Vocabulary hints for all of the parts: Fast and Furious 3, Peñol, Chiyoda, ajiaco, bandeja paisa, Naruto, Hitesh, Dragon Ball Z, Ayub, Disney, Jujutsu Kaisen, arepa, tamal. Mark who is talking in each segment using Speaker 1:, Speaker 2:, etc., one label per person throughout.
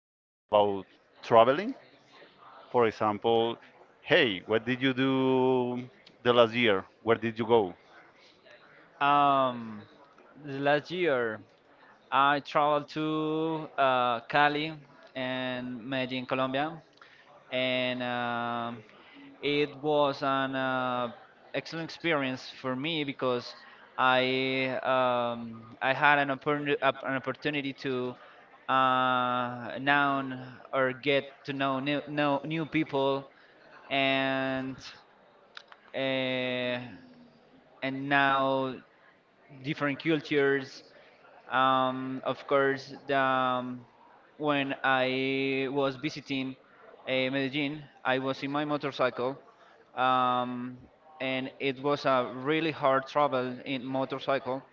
Speaker 1: talk about traveling. For example, hey, what did you do the last year? Where did you go?
Speaker 2: Um, the last year, I traveled to Cali and Medellin, Colombia, and it was an excellent experience for me because I had an opportunity to know or get to know new people and uh, and now different cultures, of course, when I was visiting Medellin, I was in my motorcycle, um, and it was a really hard travel in motorcycle.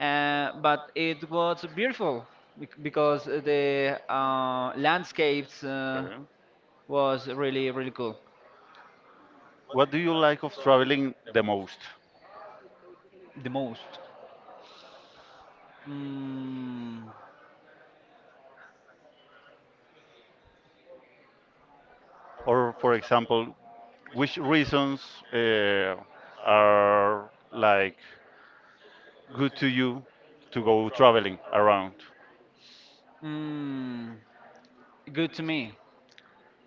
Speaker 2: But it was beautiful because the landscapes
Speaker 1: Okay.
Speaker 2: was really cool.
Speaker 1: What do you like of traveling the most?
Speaker 2: The most. Mm,
Speaker 1: Or, for example, which reasons uh, are like good to you to go traveling around?
Speaker 2: mm, Good to me.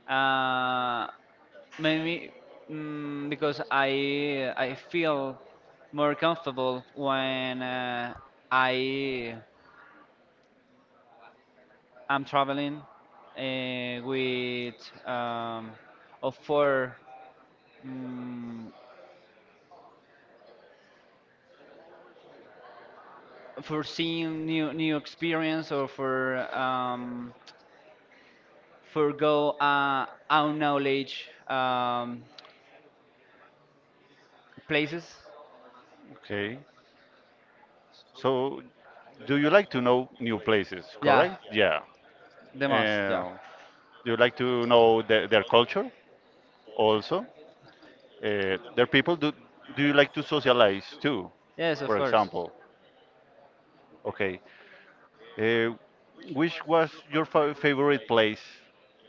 Speaker 2: Uh, Maybe, because I feel more comfortable when I am traveling with, um, or for, mm for seeing new experience, or for, for go our knowledge, places.
Speaker 1: Okay. So, do you like to know new places,
Speaker 2: Yeah,
Speaker 1: correct? Yeah.
Speaker 2: the most. Yeah.
Speaker 1: Uh, do you like to know their culture also? Their people, do you like to socialize too,
Speaker 2: Yes, of
Speaker 1: for
Speaker 2: course.
Speaker 1: example? Okay. Uh, which was your fa favorite place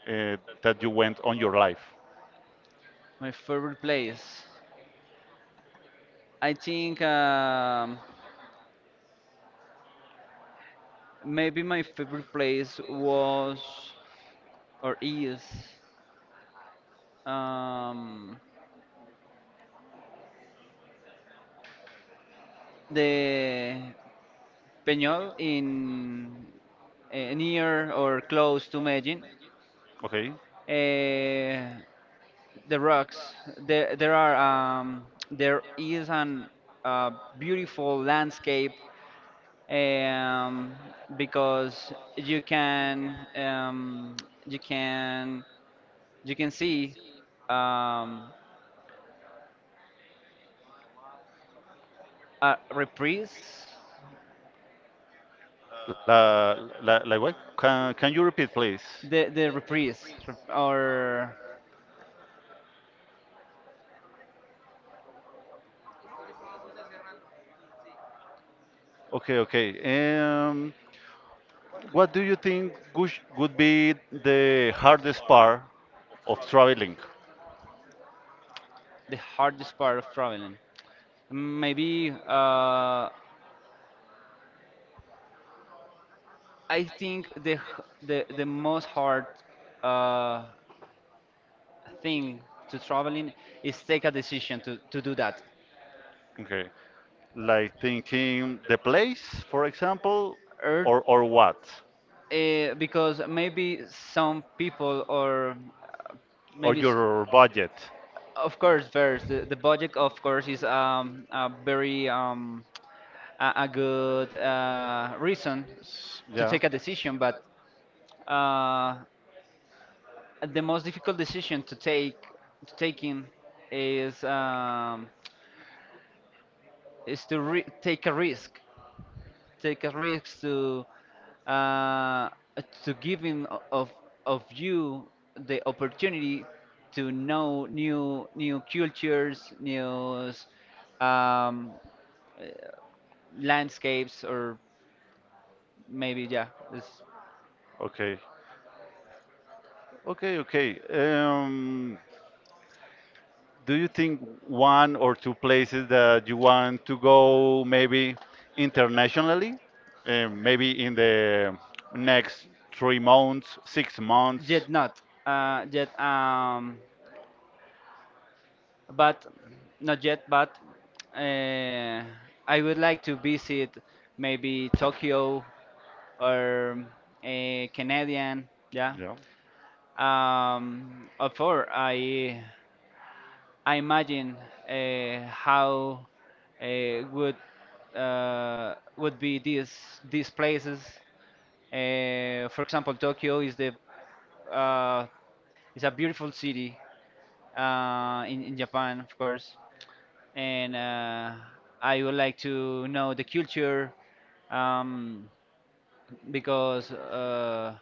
Speaker 1: that you went on your life?
Speaker 2: My favorite place. I think, maybe my favorite place was, or is, um, the Peñol in, near or close to Medellin.
Speaker 1: Okay.
Speaker 2: Eh, the rocks. There are, there is an uh, beautiful landscape, um, because you can, you can you can see, um, a reprise,
Speaker 1: La, like what? Can you repeat, please?
Speaker 2: the reprise rep- or
Speaker 1: Okay. What do you think would be the hardest part of traveling?
Speaker 2: the hardest part of traveling. Maybe, I think the h- the most hard uh, thing to traveling is take a decision to do that.
Speaker 1: Okay, like thinking the place, for example,
Speaker 2: Earth,
Speaker 1: or what,
Speaker 2: because maybe some people, or,
Speaker 1: or
Speaker 2: maybe s-
Speaker 1: your budget.
Speaker 2: of course first the budget, of course, is, a very, a good reason to
Speaker 1: Yeah.
Speaker 2: take a decision, but, uh, the most difficult decision to take, to taking is, is to re- take a risk to, uh, to give him of you the opportunity to know new cultures, um, uh, landscapes, or maybe, yeah.
Speaker 1: Okay. Okay. Do you think one or two places that you want to go, maybe internationally? Maybe in the next 3 months, 6 months?
Speaker 2: Yet Not yet but not yet. But uh, I would like to visit maybe Tokyo or a Canadian. Yeah.
Speaker 1: Yeah.
Speaker 2: Of course, I imagine, how uh, would would be these places. For example, Tokyo is the uh, is a beautiful city in Japan, of course. And I would like to know the culture, um, because,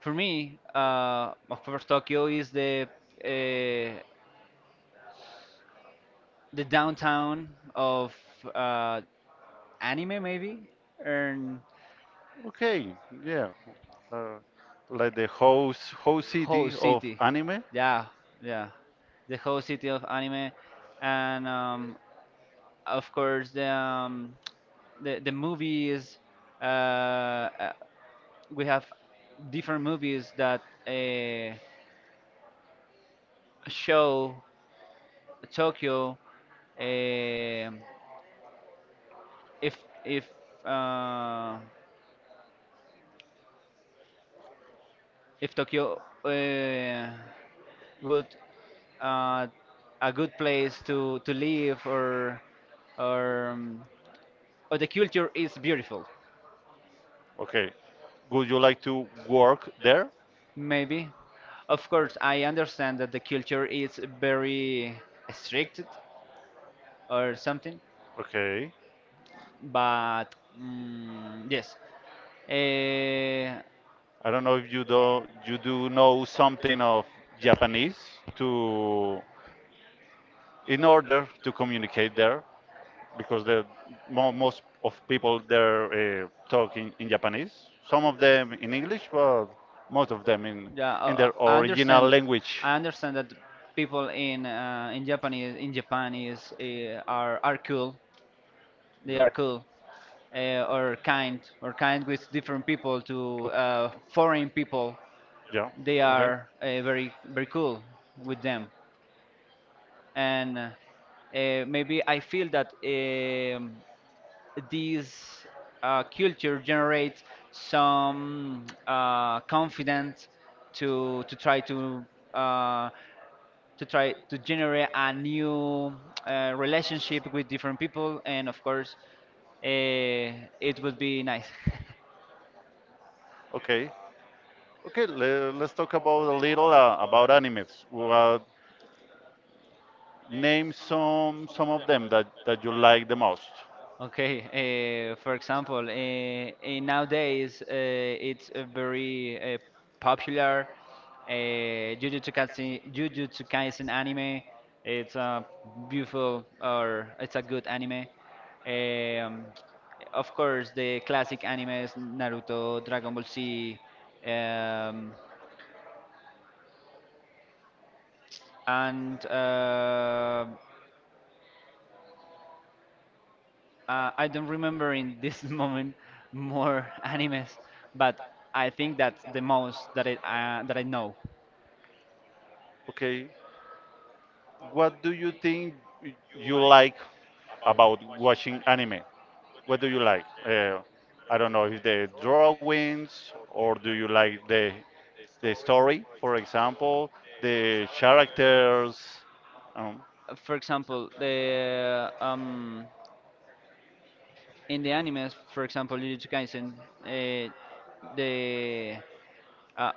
Speaker 2: for me, of course, Tokyo is uh, the downtown of, uh, anime, maybe, and
Speaker 1: Okay. Yeah. Uh, like the host
Speaker 2: whole
Speaker 1: city of
Speaker 2: city.
Speaker 1: anime.
Speaker 2: Yeah, yeah, the whole city of anime, and, of course the, the movies. Uh, uh, we have different movies that uh, show Tokyo. um if if uh, if Tokyo would, uh, a good place to live, or um, or the culture is beautiful,
Speaker 1: Okay. Would you like to work there?
Speaker 2: maybe. Of course, I understand that the culture is very strict or something.
Speaker 1: Okay.
Speaker 2: But, yes. uh,
Speaker 1: I don't know if you do you do know something of Japanese to in order to communicate there, because the mo most of people there talk in Japanese. Some of them in English, but most of them
Speaker 2: yeah,
Speaker 1: in their
Speaker 2: I
Speaker 1: original
Speaker 2: understand.
Speaker 1: language.
Speaker 2: I understand that people in, in Japanese in Japan is, are cool. They are
Speaker 1: Yeah.
Speaker 2: cool, or kind, with different people, to,
Speaker 1: Ok-
Speaker 2: foreign people.
Speaker 1: Yeah.
Speaker 2: They
Speaker 1: Okay.
Speaker 2: are, very, very cool with them. And, maybe I feel that, this culture generates some confidence to try to, uh, generate a new relationship with different people, and of course, it would be nice.
Speaker 1: Okay. Okay. le, Let's talk about a little about animes. Well, name some of them that you like the most.
Speaker 2: Okay, for example, nowadays it's, very popular. Jujutsu Kaisen, Jujutsu Kaisen anime. It's a beautiful, or it's a good anime. Um, of course, the classic animes Naruto, Dragon Ball Z, um, and I don't remember in this moment more animes, but I think that's the most that I know.
Speaker 1: Okay. What do you think you like about watching anime? What do you like? I don't know, if the drawings, or do you like the story, for example, the characters. Um,
Speaker 2: For example, the in the animes, for example, Jujutsu Kaisen, uh, the uh,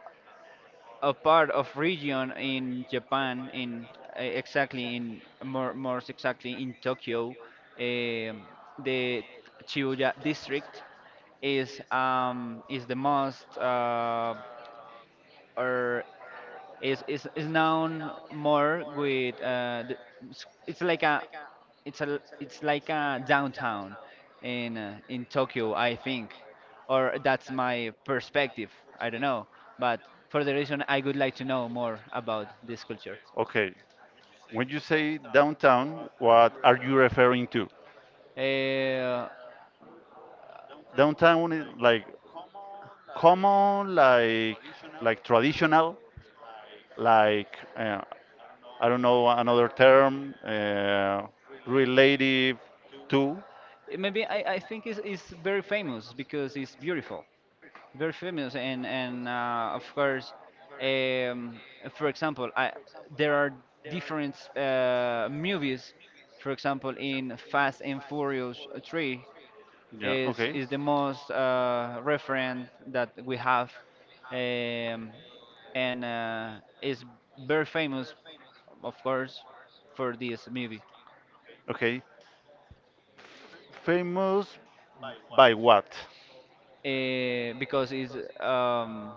Speaker 2: a part of region in Japan, in, more exactly in Tokyo. Um the Chiyoda district is the most. Or is known more with, it's it's like a it's like a downtown in, Tokyo, I think, or that's my perspective. I don't know, but for the reason I would like to know more about this culture.
Speaker 1: okay, when you say downtown, what are you referring to?
Speaker 2: Uh,
Speaker 1: Downtown is like common, like traditional, like I don't know another term relative to.
Speaker 2: Maybe I think it's very famous because it's beautiful. Very famous. And of course, um, for example, there are different movies, for example in fast and furious 3
Speaker 1: Yeah,
Speaker 2: is
Speaker 1: okay.
Speaker 2: the most referent that we have. Um, and Is very famous, of course, for this movie,
Speaker 1: Okay. Famous by what?
Speaker 2: because, it's um,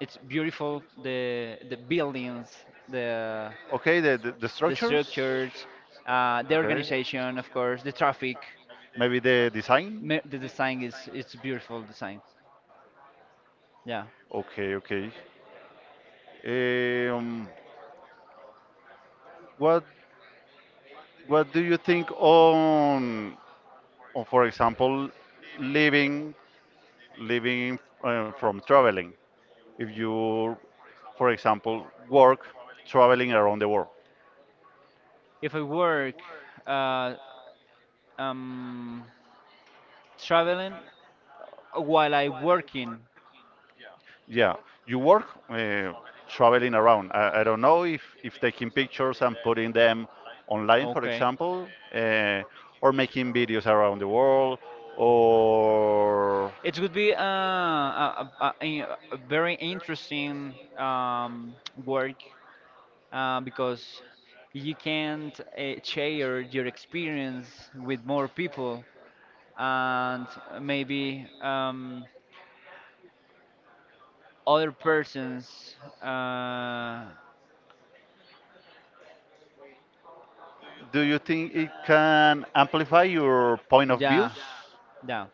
Speaker 2: It's beautiful. The buildings, the
Speaker 1: Okay, the
Speaker 2: the
Speaker 1: structures.
Speaker 2: structures, the
Speaker 1: Okay.
Speaker 2: organization, of course, the traffic.
Speaker 1: Maybe the design.
Speaker 2: The design is it's beautiful design. Yeah.
Speaker 1: Okay. Um, what what do you think on for example, living living from traveling? If you, for example, work traveling around the world,
Speaker 2: If I work, uh, um, traveling while I working,
Speaker 1: Yeah, you work traveling around. I don't know if taking pictures and putting them online, for
Speaker 2: okay,
Speaker 1: example, uh, or making videos around the world, or
Speaker 2: it would be a very interesting, work, because you can't share your experience with more people, and maybe, other persons, uh,
Speaker 1: do you think it can amplify your point of
Speaker 2: yeah,
Speaker 1: views?
Speaker 2: yeah,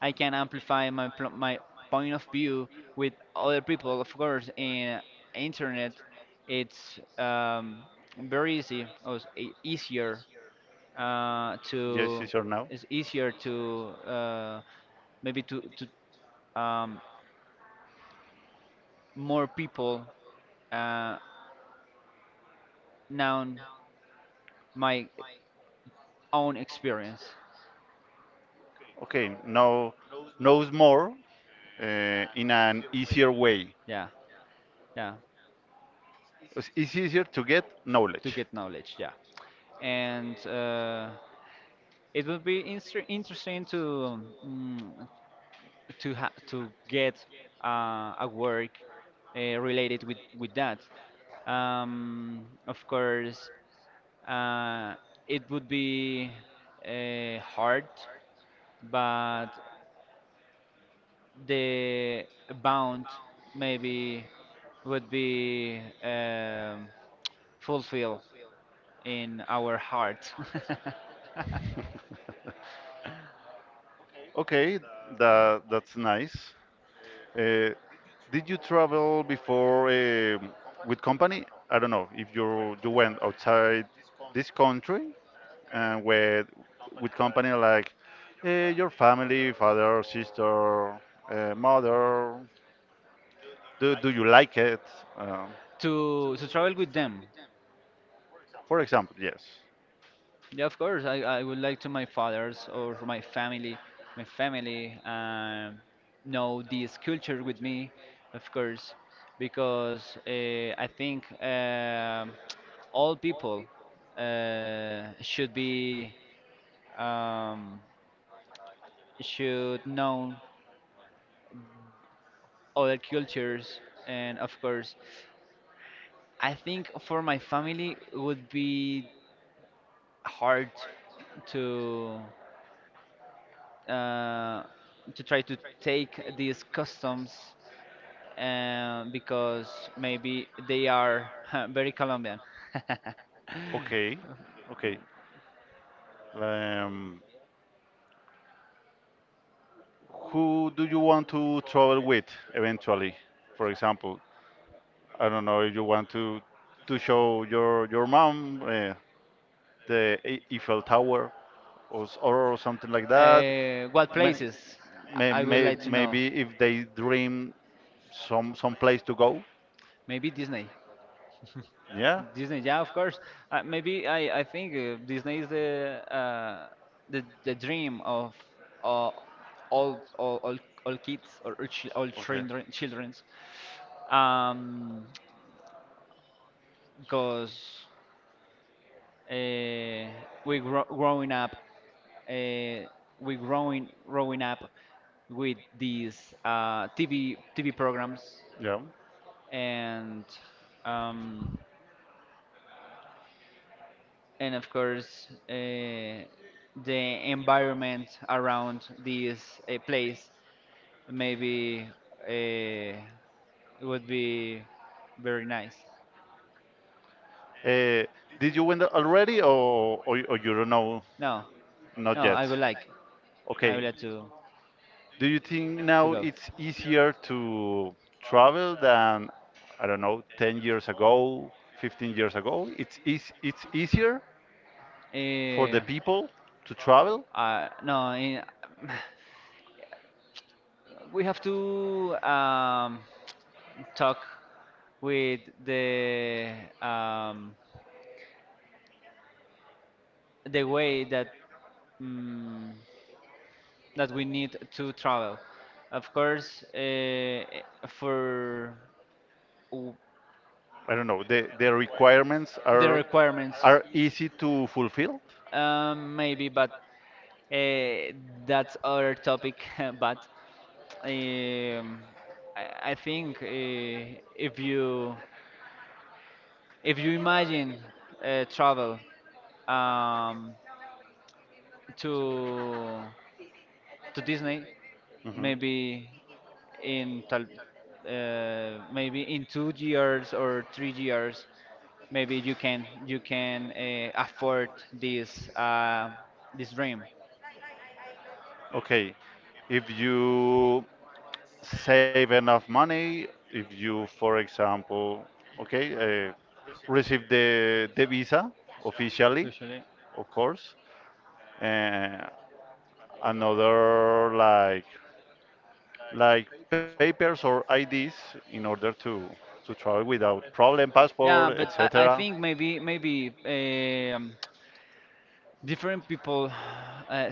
Speaker 2: I can amplify my point of view with other people, of course. In internet it's, very easy, or easier
Speaker 1: Yes,
Speaker 2: to
Speaker 1: yes or no?
Speaker 2: it's easier to, maybe to um, more people uh, know my own experience.
Speaker 1: Okay, now knows more in an easier way.
Speaker 2: Yeah, yeah,
Speaker 1: It's easier to get
Speaker 2: to
Speaker 1: knowledge.
Speaker 2: get knowledge. Yeah, and, it would be interesting to, to get a work related with that. Of course, uh, it would be hard, but the bound maybe would be, fulfilled in our heart.
Speaker 1: Okay, that that's nice. Uh, did you travel before with company? I don't know if you you went outside this country and with company like your family, father, sister, mother. Do do you like it? Um,
Speaker 2: To travel with them.
Speaker 1: for example, yes.
Speaker 2: Yeah, of course. I would like to my fathers, or for my family. my family um, know this culture with me, of course, because I think, all people, uh, should be um, should know other cultures, and of course, I think for my family it would be hard to. uh, to try to take these customs, because maybe they are very Colombian.
Speaker 1: Okay, okay. Um, who do you want to travel with eventually? For example, I don't know if you want to show your mom the E- Eiffel Tower or s- or something like that.
Speaker 2: What
Speaker 1: May,
Speaker 2: places? I would
Speaker 1: may,
Speaker 2: like to know.
Speaker 1: maybe if they dream some place to go.
Speaker 2: Maybe Disney.
Speaker 1: Yeah.
Speaker 2: Disney, yeah, of course. Maybe I think, Disney is the dream of, uh, all all all all kids, all
Speaker 1: Okay.
Speaker 2: children childrens. Um, because uh, we growing up, uh, we growing growing up with these TV TV programs.
Speaker 1: Yeah.
Speaker 2: And. Um, and of course the environment around this place maybe uh, would be very nice.
Speaker 1: Uh, did you win the- already or you don't know?
Speaker 2: No,
Speaker 1: Not
Speaker 2: no,
Speaker 1: yet.
Speaker 2: I would
Speaker 1: Okay.
Speaker 2: like
Speaker 1: Do you think
Speaker 2: to
Speaker 1: now
Speaker 2: go.
Speaker 1: it's easier to travel than, I don't know, 10 years ago, 15 years ago? It's eas it's easier for the
Speaker 2: Uh,
Speaker 1: people to travel?
Speaker 2: no in, We have to, talk with the, um, the way that, mm that we need to travel. Of course, for w-
Speaker 1: I don't know. The requirements
Speaker 2: the requirements,
Speaker 1: are easy to fulfill?
Speaker 2: maybe, but, uh, that's other topic. But, um, I think, if you imagine, travel, um, to to Disney,
Speaker 1: Hmm
Speaker 2: maybe, in tal, maybe in 2 years or 3 years, maybe you can afford this, this dream.
Speaker 1: Okay. If you save enough money, if you, for example, okay, uh, receive the visa officially,
Speaker 2: Especially.
Speaker 1: of course. Uh, another like papers or IDs in order to travel without problem, passport,
Speaker 2: Yeah, but I
Speaker 1: etc.
Speaker 2: think, maybe, different people uh,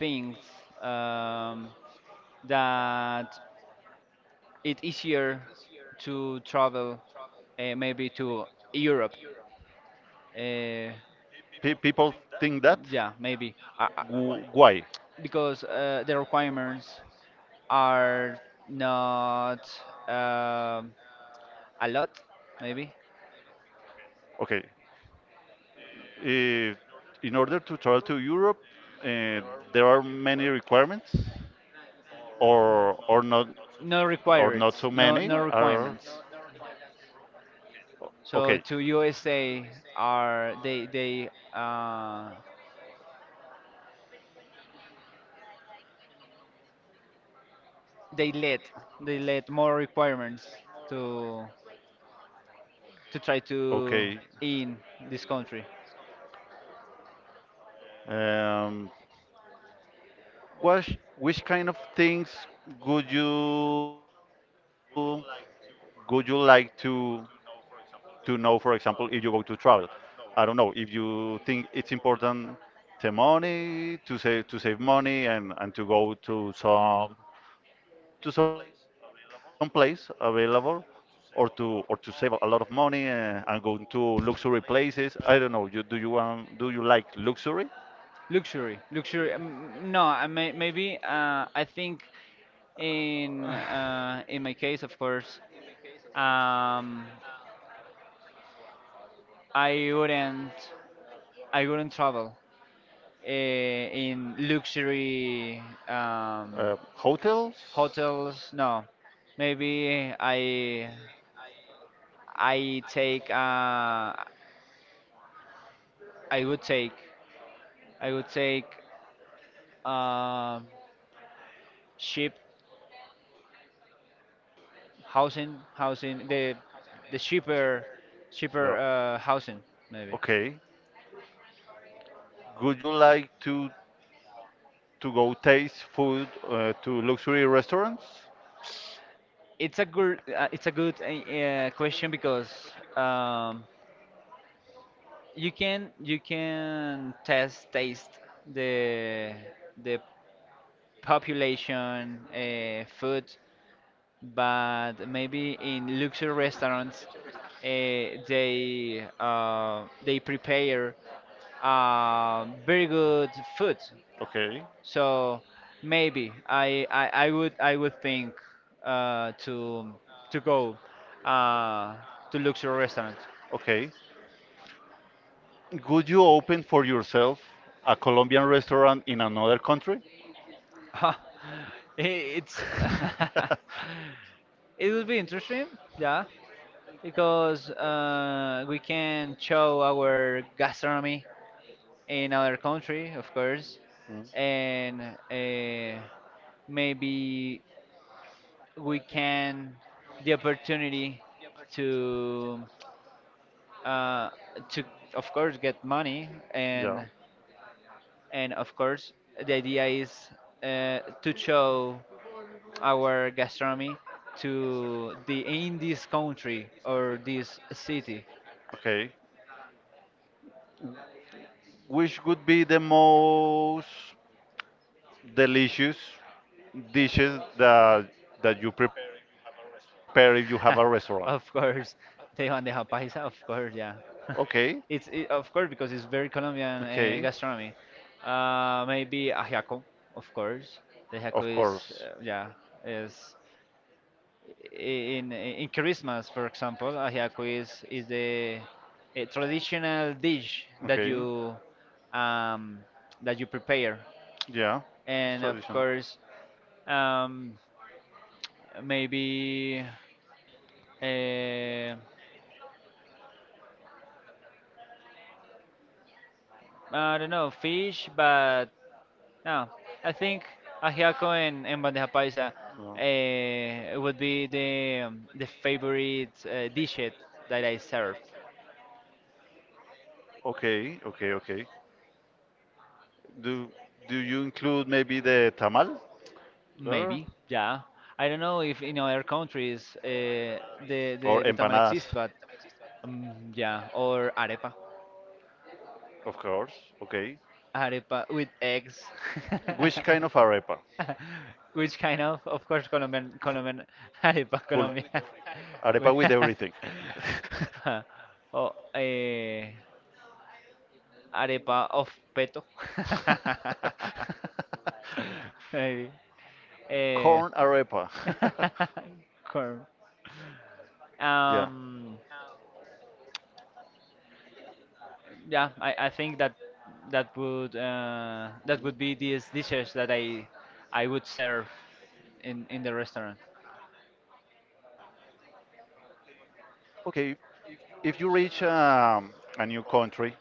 Speaker 2: thinks, um, that it's easier to travel, maybe to Europe. Uh,
Speaker 1: Pe- people think that.
Speaker 2: yeah, maybe,
Speaker 1: Wh- Why?
Speaker 2: because the requirements are not, um a lot, maybe.
Speaker 1: Okay. eh, in order to travel to Europe, eh, there are many requirements, or not
Speaker 2: No
Speaker 1: so many
Speaker 2: required,
Speaker 1: are.
Speaker 2: no requirements.
Speaker 1: Okay,
Speaker 2: So to USA, are they, they let, more requirements to to try
Speaker 1: okay.
Speaker 2: to in this country.
Speaker 1: Um, what, Which kind of things would you like to know, for example, if you go to travel? I don't know if you think it's important the money, to save money, and, to go to some place available, or to save a lot of money and go to luxury places. I don't know. You want, do you like luxury?
Speaker 2: Luxury, luxury. No, maybe, I think in, my case, of course, um, I wouldn't I wouldn't travel in luxury,
Speaker 1: Hotels?
Speaker 2: hotels. No, maybe
Speaker 1: No.
Speaker 2: I take I would take I would take, uh, ship, housing, the cheaper,
Speaker 1: Cheaper.
Speaker 2: housing, maybe.
Speaker 1: Okay. Would you, like to go taste food to luxury restaurants? Yeah.
Speaker 2: It's a good, question, because, um, you can test taste, the the population, food. But maybe in luxury restaurants, they prepare, very good food.
Speaker 1: Okay.
Speaker 2: So maybe, I would think, uh, to to go, uh, to luxury restaurant.
Speaker 1: Okay. Would you open for yourself a Colombian restaurant in another country?
Speaker 2: I- it's It would be interesting, yeah, because we can show our gastronomy in other country, of course,
Speaker 1: Mm.
Speaker 2: and maybe we can the opportunity to, uh, to of course, get money.
Speaker 1: Yeah.
Speaker 2: And of course, the idea is, to show our gastronomy to the, in this country or this city.
Speaker 1: Okay. Which would be the most delicious dishes that you prepare if you have a restaurant.
Speaker 2: Of course, they want the paisa, of course. Yeah. It's, of course,
Speaker 1: Okay,
Speaker 2: because it's very Colombian, gastronomy.
Speaker 1: okay,
Speaker 2: Maybe ajiaco. Of course, the ajiaco is,
Speaker 1: of
Speaker 2: yeah,
Speaker 1: course.
Speaker 2: is in, Christmas, for example. Ajiaco is, the, a traditional dish that you,
Speaker 1: Okay,
Speaker 2: um, prepare, and
Speaker 1: yeah,
Speaker 2: of
Speaker 1: it's
Speaker 2: course,
Speaker 1: traditional.
Speaker 2: um, maybe uh, I don't know fish, but no, I think ajiaco and bandeja paisa
Speaker 1: No.
Speaker 2: would be the, the favorite dish that I serve.
Speaker 1: Okay. Do do you include maybe the tamal there,
Speaker 2: Maybe, yeah. I don't know if in other countries, uh,
Speaker 1: or empanadas?
Speaker 2: the, the the tamal exists, but, yeah. Or arepa,
Speaker 1: Of course. Okay.
Speaker 2: arepa with eggs.
Speaker 1: Which kind of arepa?
Speaker 2: Which kind of? Of course,
Speaker 1: Full
Speaker 2: Colombian arepa,
Speaker 1: arepa
Speaker 2: Colombian.
Speaker 1: with everything.
Speaker 2: We- oh. Arepa of peto. Maybe. Eh,
Speaker 1: Corn arepa.
Speaker 2: Corn.
Speaker 1: yeah.
Speaker 2: Um. Yeah, I think that that would be these dishes that I would serve in, the restaurant.
Speaker 1: Okay. If you reach a new country,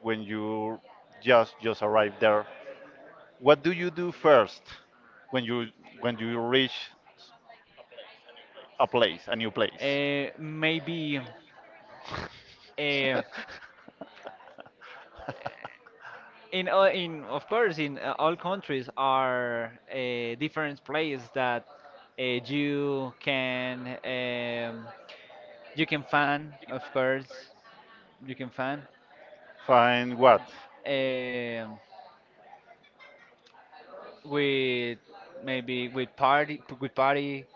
Speaker 1: when you just arrived there, what do you do first when you reach a place, a new place.
Speaker 2: Maybe, uh, in all, in of course, in all countries are different places that you can, you can find, of course. You can find
Speaker 1: Find what?
Speaker 2: um with, maybe, with party,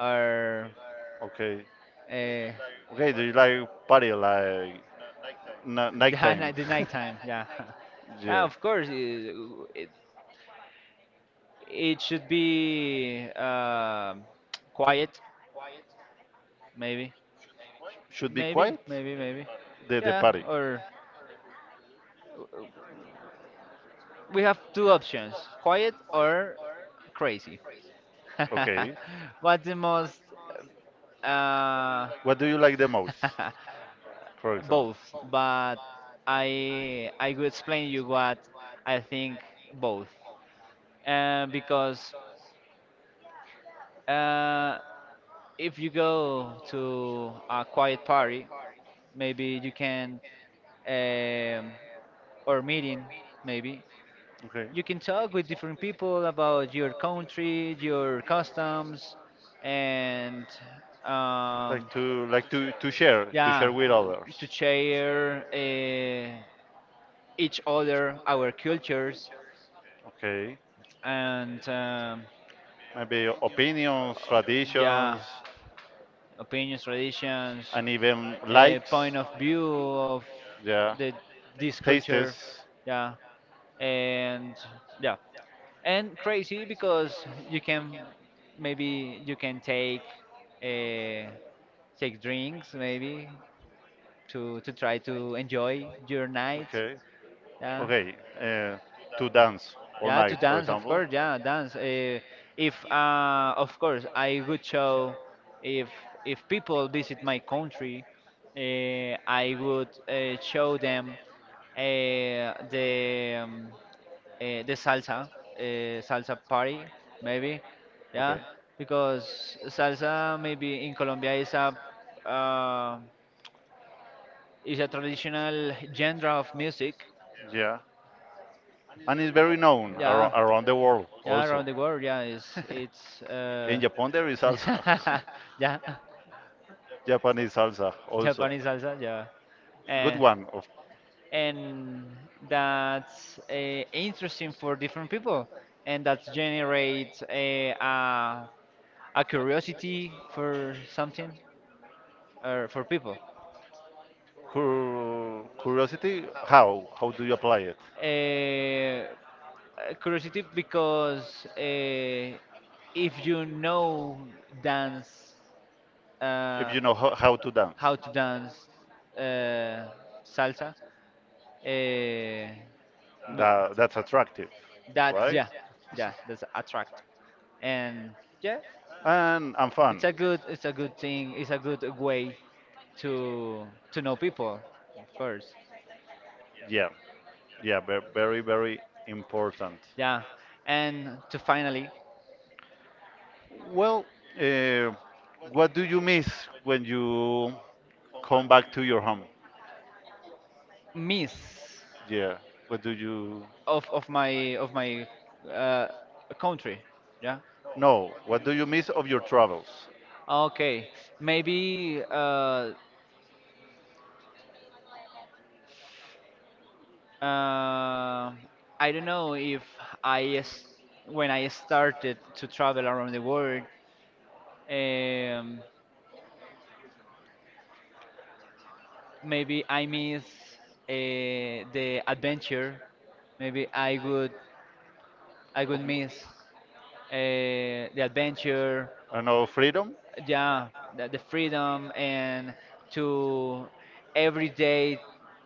Speaker 2: or.
Speaker 1: Okay.
Speaker 2: Uh,
Speaker 1: Okay, do you like party like na
Speaker 2: yeah,
Speaker 1: nighttime?
Speaker 2: night, the nighttime. Yeah. Yeah.
Speaker 1: Yeah.
Speaker 2: Of course, it, it should be, quiet. Maybe,
Speaker 1: Should be quiet?
Speaker 2: maybe.
Speaker 1: The
Speaker 2: Yeah.
Speaker 1: party.
Speaker 2: Or we have two options: quiet or crazy.
Speaker 1: Okay.
Speaker 2: What's the most? Uh,
Speaker 1: What do you like the most, for example?
Speaker 2: Both, but I will explain you what I think. Both, because Uh, if you go to a quiet party, maybe you can, um, or meeting, maybe
Speaker 1: Okay.
Speaker 2: you can talk with different people about your country, your customs, and,
Speaker 1: Like
Speaker 2: um,
Speaker 1: to to share
Speaker 2: yeah.
Speaker 1: with others.
Speaker 2: To share each other our cultures,
Speaker 1: Okay.
Speaker 2: and,
Speaker 1: Maybe opinions, traditions,
Speaker 2: yeah, opinions, traditions,
Speaker 1: and even likes.
Speaker 2: point of view of
Speaker 1: Yeah,
Speaker 2: the this culture.
Speaker 1: tastes.
Speaker 2: Yeah. And yeah, and crazy, because you can, maybe you can uh, take drinks, maybe, to try to enjoy your night.
Speaker 1: Okay,
Speaker 2: Yeah.
Speaker 1: okay. To dance all
Speaker 2: Yeah, to
Speaker 1: night, for
Speaker 2: dance, of
Speaker 1: example.
Speaker 2: course. Yeah, dance. If Of course, I would show, if if people visit my country, I would show them, uh, the um, the salsa, salsa party, maybe, yeah,
Speaker 1: Okay.
Speaker 2: because salsa, maybe in Colombia, is uh, a traditional genre of music.
Speaker 1: Yeah. And it's very known
Speaker 2: Yeah,
Speaker 1: around, around the world
Speaker 2: yeah,
Speaker 1: also.
Speaker 2: around the world. Yeah, it's.
Speaker 1: In Japan, there is
Speaker 2: Yeah,
Speaker 1: salsa.
Speaker 2: Japanese
Speaker 1: Japanese
Speaker 2: salsa.
Speaker 1: salsa also.
Speaker 2: Yeah, yeah.
Speaker 1: Good one. Of
Speaker 2: And that's, interesting for different people, and that generates a curiosity for something, or for people.
Speaker 1: curiosity, how do you apply it?
Speaker 2: Uh, Curiosity, because if you know, dance
Speaker 1: If
Speaker 2: uh,
Speaker 1: you know how to dance.
Speaker 2: how to dance, uh, salsa. Uh, m-
Speaker 1: That that's attractive,
Speaker 2: that
Speaker 1: right?
Speaker 2: Yeah, yeah, that's attract. And yeah,
Speaker 1: And
Speaker 2: it's
Speaker 1: fun.
Speaker 2: a good, thing. It's a good way to to know people, of course.
Speaker 1: Yeah, yeah, very, very important.
Speaker 2: Yeah, and to finally
Speaker 1: Well, uh, what do you miss when you come back to your home?
Speaker 2: miss
Speaker 1: Yeah, what do you?
Speaker 2: of my uh, country. Yeah.
Speaker 1: No, what do you miss of your travels?
Speaker 2: Okay, maybe, Uh, I don't know if, I s- when I started to travel around the world, um, maybe I miss the adventure. Maybe I would
Speaker 1: Of-
Speaker 2: miss the adventure.
Speaker 1: I know, freedom.
Speaker 2: Yeah, the freedom, and to every day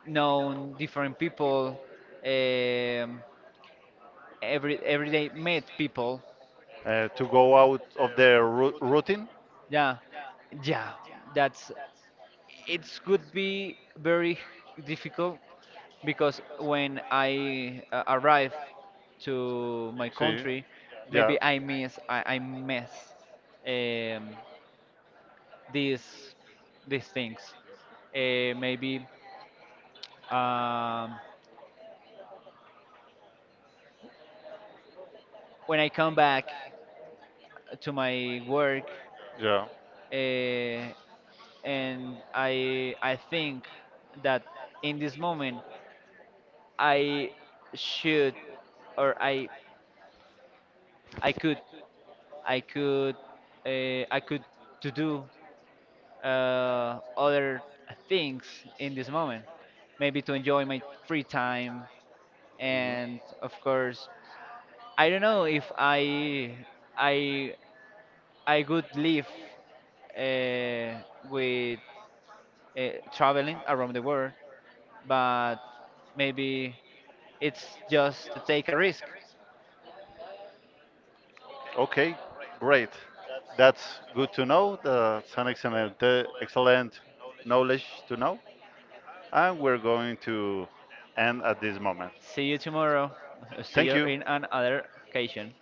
Speaker 2: know different people. Um, every day meet people.
Speaker 1: Uh, to go out of their routine.
Speaker 2: Yeah, yeah, that's it could be very difficult because when I arrive to my
Speaker 1: Sí,
Speaker 2: country,
Speaker 1: yeah,
Speaker 2: maybe I miss, um, these things. Maybe, um, when I come back to my work,
Speaker 1: yeah.
Speaker 2: uh, and I think that in this moment I should, or I could I could I could to do other things in this moment. Maybe to enjoy my free time.
Speaker 1: Mhm.
Speaker 2: And of course, I don't know if I I could live uh, with uh, traveling around the world, but maybe it's just to take a risk.
Speaker 1: Okay, great. That's good to know. That's an excellent, excellent knowledge to know. And we're going to end at this moment.
Speaker 2: See you tomorrow. See you
Speaker 1: Thank you.
Speaker 2: in another occasion.